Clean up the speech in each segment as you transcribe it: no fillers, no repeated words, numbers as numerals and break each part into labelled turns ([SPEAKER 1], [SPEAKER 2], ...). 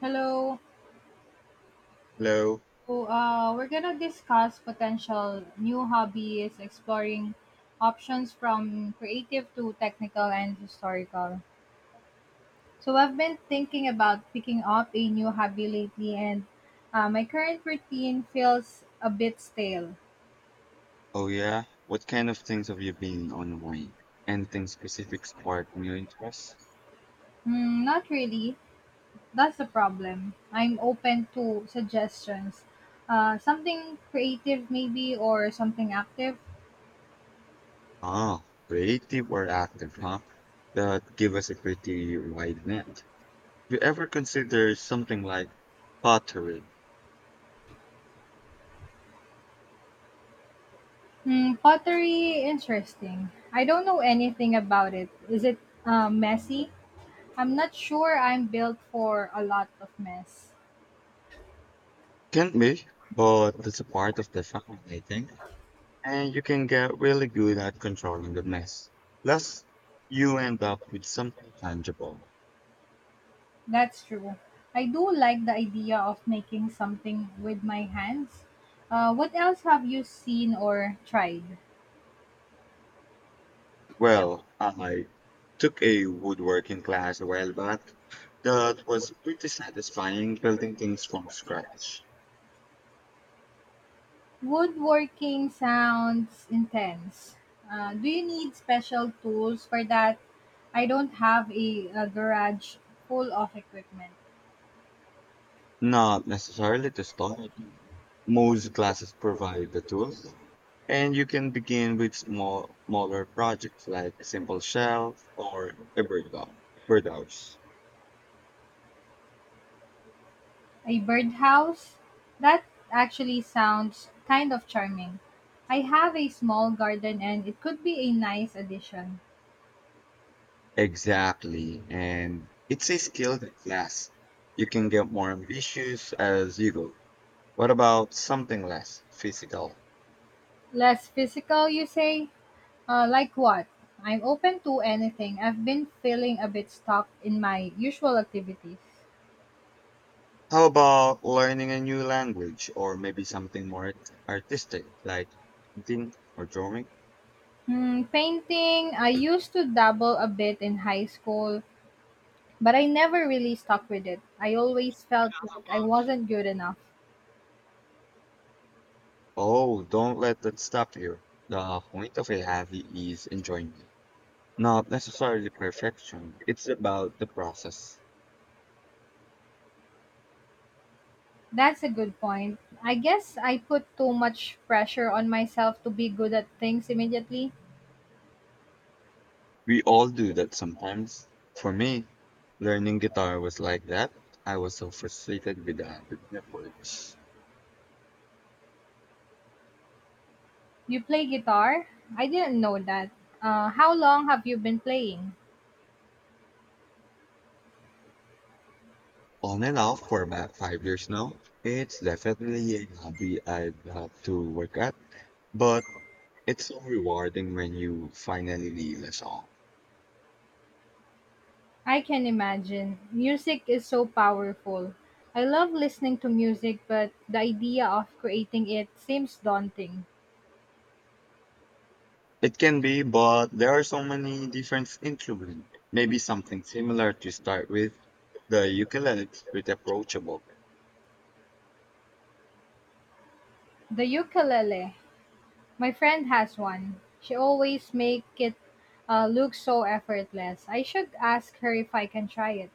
[SPEAKER 1] Hello.
[SPEAKER 2] Hello.
[SPEAKER 1] So we're gonna discuss potential new hobbies, exploring options from creative to technical and historical. So, I've been thinking about picking up a new hobby lately, and my current routine feels a bit stale.
[SPEAKER 2] Oh yeah. What kind of things have you been online? Anything specific spark new interest?
[SPEAKER 1] Hmm, not really. That's the problem. I'm open to suggestions. Something creative, maybe, or something active.
[SPEAKER 2] Ah, creative or active, huh? That give us a pretty wide net. Have you ever consider something like pottery?
[SPEAKER 1] Hmm, pottery, interesting. I don't know anything about it. Is it messy? I'm not sure I'm built for a lot of mess.
[SPEAKER 2] Can be, but it's a part of the fun, I think. And you can get really good at controlling the mess. Plus, you end up with something tangible.
[SPEAKER 1] That's true. I do like the idea of making something with my hands. What else have you seen or tried?
[SPEAKER 2] Well, I took a woodworking class a while back that was pretty satisfying building things from scratch.
[SPEAKER 1] Woodworking sounds intense. Do you need special tools for that? I don't have a garage full of equipment.
[SPEAKER 2] Not necessarily to start. Most classes provide the tools, and you can begin with small, smaller projects like a simple shelf or a birdhouse.
[SPEAKER 1] A birdhouse? That actually sounds kind of charming. I have a small garden and it could be a nice addition.
[SPEAKER 2] Exactly, and it's a skill that lasts. You can get more ambitious as you go. What about something less physical?
[SPEAKER 1] Less physical, you say? Like what? I'm open to anything. I've been feeling a bit stuck in my usual activities.
[SPEAKER 2] How about learning a new language or maybe something more artistic like painting or drawing?
[SPEAKER 1] Hmm, painting, I used to dabble a bit in high school, but I never really stuck with it. I always felt like I wasn't good enough.
[SPEAKER 2] Oh, don't let that stop you. The point of a hobby is enjoyment, not necessarily perfection. It's about the process.
[SPEAKER 1] That's a good point. I guess I put too much pressure on myself to be good at things immediately.
[SPEAKER 2] We all do that sometimes. For me, learning guitar was like that. I was so frustrated with the chords.
[SPEAKER 1] You play guitar? I didn't know that. How long have you been playing?
[SPEAKER 2] On and off for about 5 years now. It's definitely a hobby I'd love to work at, but it's so rewarding when you finally leave us all.
[SPEAKER 1] I can imagine. Music is so powerful. I love listening to music, but the idea of creating it seems daunting.
[SPEAKER 2] It can be, but there are so many different instruments. Maybe something similar to start with. The ukulele is pretty approachable.
[SPEAKER 1] The ukulele. My friend has one. She always make it look so effortless. I should ask her if I can try it.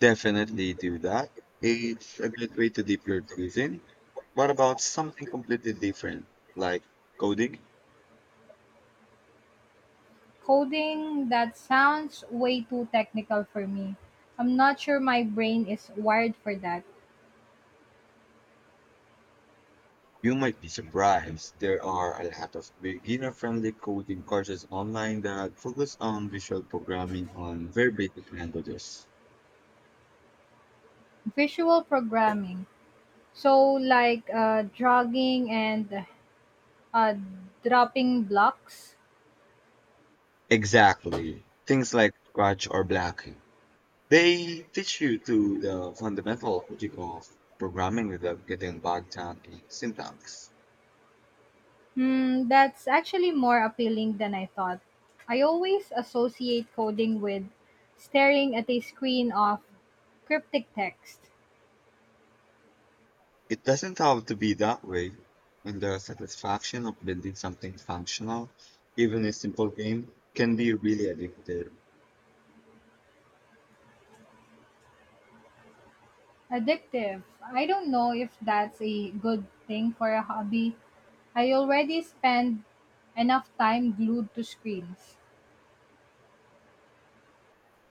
[SPEAKER 2] Definitely do that. It's a good way to dip your toes in. What about something completely different, like coding?
[SPEAKER 1] Coding, that sounds way too technical for me. I'm not sure my brain is wired for that.
[SPEAKER 2] You might be surprised. There are a lot of beginner-friendly coding courses online that focus on visual programming on very basic languages.
[SPEAKER 1] Visual programming. So, like jogging and uh, dropping blocks.
[SPEAKER 2] Exactly. Things like Scratch or Black. They teach you to the fundamental logic of programming without getting bogged down in syntax.
[SPEAKER 1] Hmm, that's actually more appealing than I thought. I always associate coding with staring at a screen of cryptic text.
[SPEAKER 2] It doesn't have to be that way, and the satisfaction of building something functional, even a simple game, can be really addictive.
[SPEAKER 1] Addictive. I don't know if that's a good thing for a hobby. I already spend enough time glued to screens.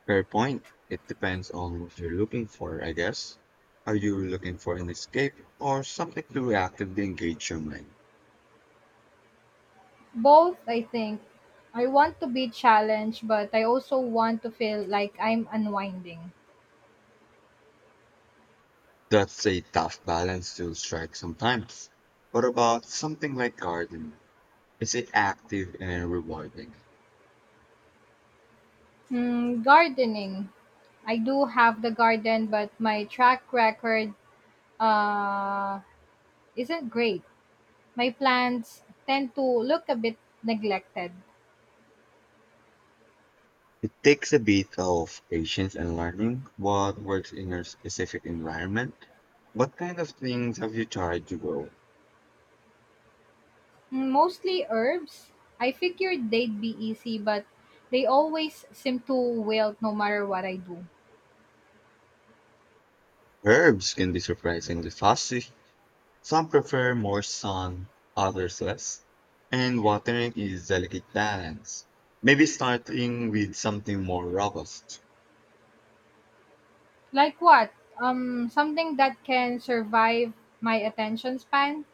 [SPEAKER 2] Fair point. It depends on what you're looking for, I guess. Are you looking for an escape or something to actively engage your mind?
[SPEAKER 1] Both, I think. I want to be challenged, but I also want to feel like I'm unwinding.
[SPEAKER 2] That's a tough balance to strike sometimes. What about something like gardening? Is it active and rewarding?
[SPEAKER 1] Hmm, gardening. I do have the garden, but my track record uh, isn't great. My plants tend to look a bit neglected.
[SPEAKER 2] It takes a bit of patience and learning what works in your specific environment. What kind of things have you tried to grow?
[SPEAKER 1] Mm, mostly herbs. I figured they'd be easy, but they always seem to wilt no matter what I do.
[SPEAKER 2] Herbs can be surprisingly fast. Some prefer more sun, others less, and watering is delicate balance. Maybe starting with something more robust.
[SPEAKER 1] Like what? Something that can survive my attention span?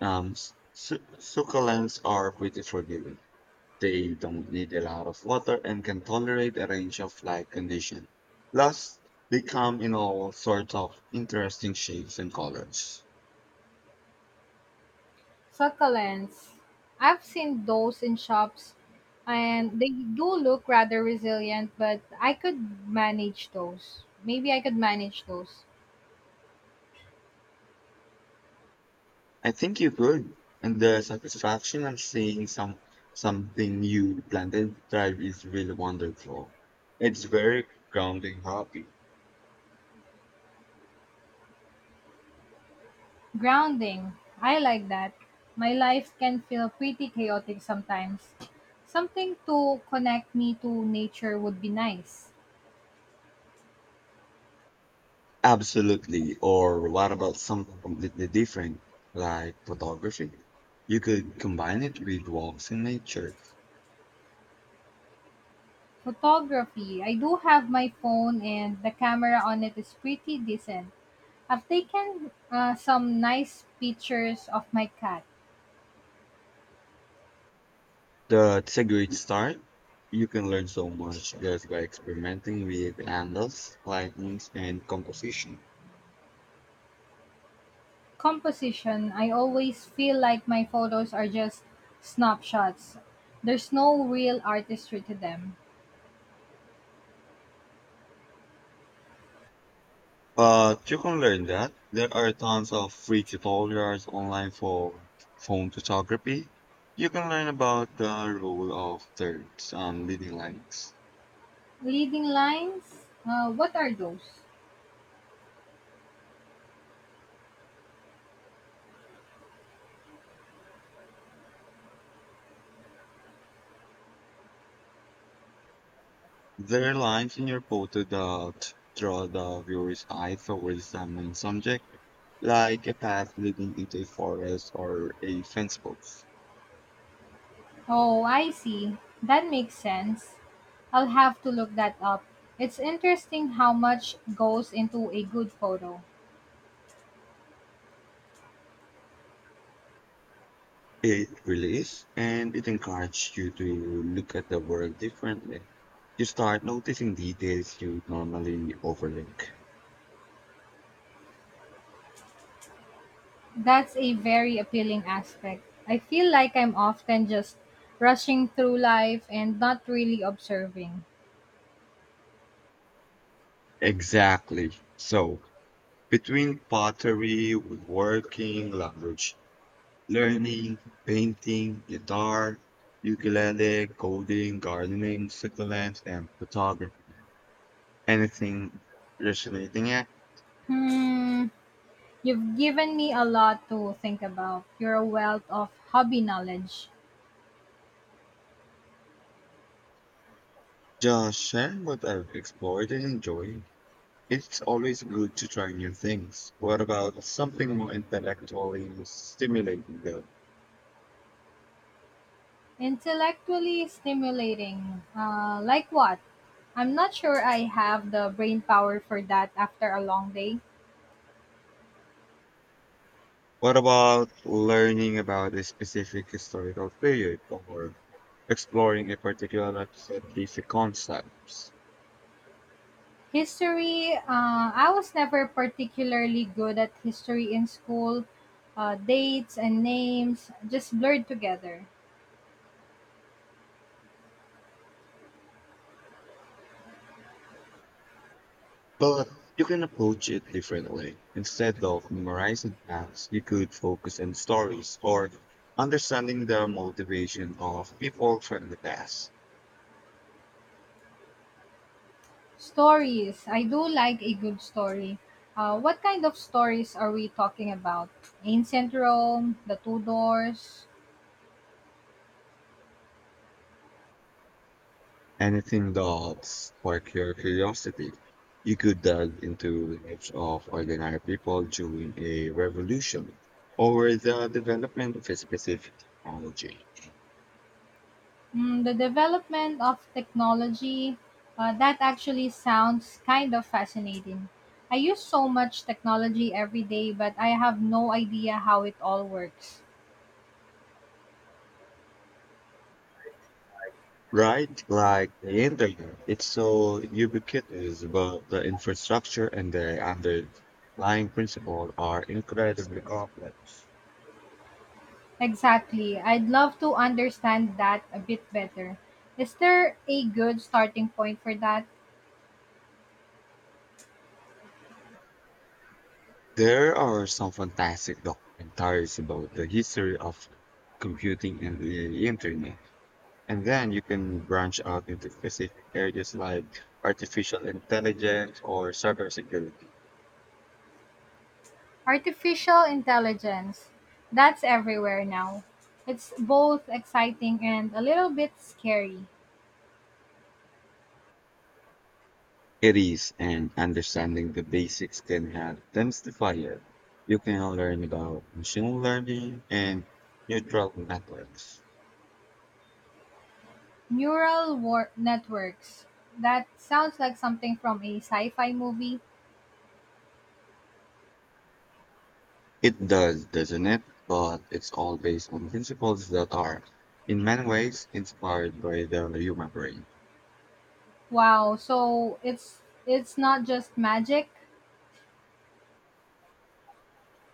[SPEAKER 2] Um, succulents are pretty forgiving. They don't need a lot of water and can tolerate a range of light conditions. Plus, they come in all sorts of interesting shapes and colors.
[SPEAKER 1] Succulents. I've seen those in shops, and they do look rather resilient, but I could manage those. Maybe I could manage those.
[SPEAKER 2] I think you could, and the satisfaction of seeing something you planted thrive is really wonderful. It's very grounding hobby.
[SPEAKER 1] Grounding. I like that. My life can feel pretty chaotic sometimes. Something to connect me to nature would be nice.
[SPEAKER 2] Absolutely. Or what about something completely different, like photography? You could combine it with walks in nature.
[SPEAKER 1] Photography. I do have my phone and the camera on it is pretty decent. I've taken some nice pictures of my cat.
[SPEAKER 2] That's a great start. You can learn so much just by experimenting with angles, lightings, and composition.
[SPEAKER 1] Composition. I always feel like my photos are just snapshots. There's no real artistry to them.
[SPEAKER 2] But you can learn that. There are tons of free tutorials online for phone photography. You can learn about the role of thirds and leading lines.
[SPEAKER 1] Leading lines. What are those?
[SPEAKER 2] There are lines in your photo that draw the viewer's eye towards the main subject, like a path leading into a forest or a fence post.
[SPEAKER 1] Oh, I see. That makes sense. I'll have to look that up. It's interesting how much goes into a good photo.
[SPEAKER 2] It relates and it encourages you to look at the world differently. You start noticing details you normally overlook.
[SPEAKER 1] That's a very appealing aspect. I feel like I'm often just rushing through life and not really observing.
[SPEAKER 2] Exactly. So, between pottery, woodworking, language learning, painting, guitar, ukulele, coding, gardening, succulents, and photography, anything resonating at,
[SPEAKER 1] Hmm, you've given me a lot to think about. You're a wealth of hobby knowledge.
[SPEAKER 2] just share what I've explored and enjoyed. It's always good to try new things. What about something more intellectually stimulating though?
[SPEAKER 1] Intellectually stimulating. Like what? I'm not sure I have the brain power for that after a long day.
[SPEAKER 2] What about learning about a specific historical period or exploring a particular set concept?
[SPEAKER 1] History, I was never particularly good at history in school. Dates and names just blurred together.
[SPEAKER 2] But you can approach it differently. Instead of memorizing facts, you could focus on stories or understanding the motivation of people from the past.
[SPEAKER 1] Stories, I do like a good story. What kind of stories are we talking about? Ancient Rome, the Tudors,
[SPEAKER 2] Anything that spark your curiosity. You could delve into the lives of ordinary people during a revolution or the development of a specific technology.
[SPEAKER 1] mm, the development of technology, that actually sounds kind of fascinating. I use so much technology every day, but I have no idea how it all works.
[SPEAKER 2] Right, like the internet, it's so ubiquitous, but the infrastructure and the underlying principle are incredibly complex.
[SPEAKER 1] Exactly. I'd love to understand that a bit better. Is there a good starting point for that?
[SPEAKER 2] There are some fantastic documentaries about the history of computing and the internet, and then you can branch out into specific areas like artificial intelligence or cybersecurity.
[SPEAKER 1] Artificial intelligence. That's everywhere now. It's both exciting and a little bit scary.
[SPEAKER 2] It is, and understanding the basics can help demystify it. You can learn about machine learning and neural networks.
[SPEAKER 1] Networks. That sounds like something from a sci-fi movie.
[SPEAKER 2] It does, doesn't it? But it's all based on principles that are, in many ways, inspired by the human brain.
[SPEAKER 1] Wow, so it's not just magic.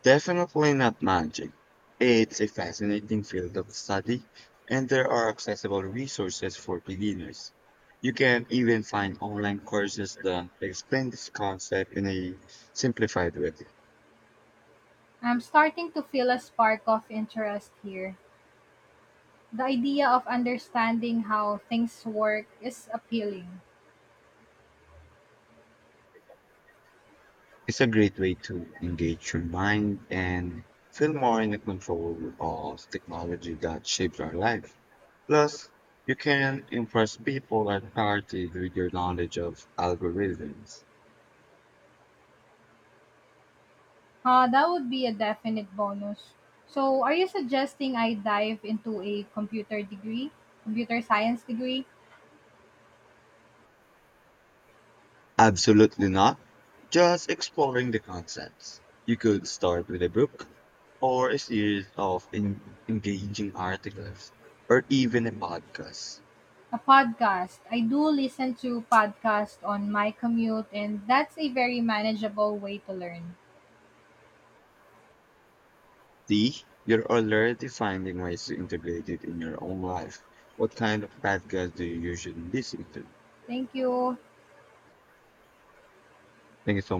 [SPEAKER 2] Definitely not magic. It's a fascinating field of study, and there are accessible resources for beginners. You can even find online courses that explain this concept in a simplified way.
[SPEAKER 1] I'm starting to feel a spark of interest here. The idea of understanding how things work is appealing.
[SPEAKER 2] It's a great way to engage your mind and feel more in the control of technology that shapes our life. Plus, you can impress people at parties with your knowledge of algorithms.
[SPEAKER 1] That would be a definite bonus. So, are you suggesting I dive into computer science degree?
[SPEAKER 2] Absolutely not. Just exploring the concepts. You could start with a book, or a series of engaging articles, or even a podcast.
[SPEAKER 1] A podcast. I do listen to podcasts on my commute and that's a very manageable way to learn.
[SPEAKER 2] See, you're already finding ways to integrate it in your own life. What kind of podcast do you usually listen to?
[SPEAKER 1] Thank you.
[SPEAKER 2] Thank you so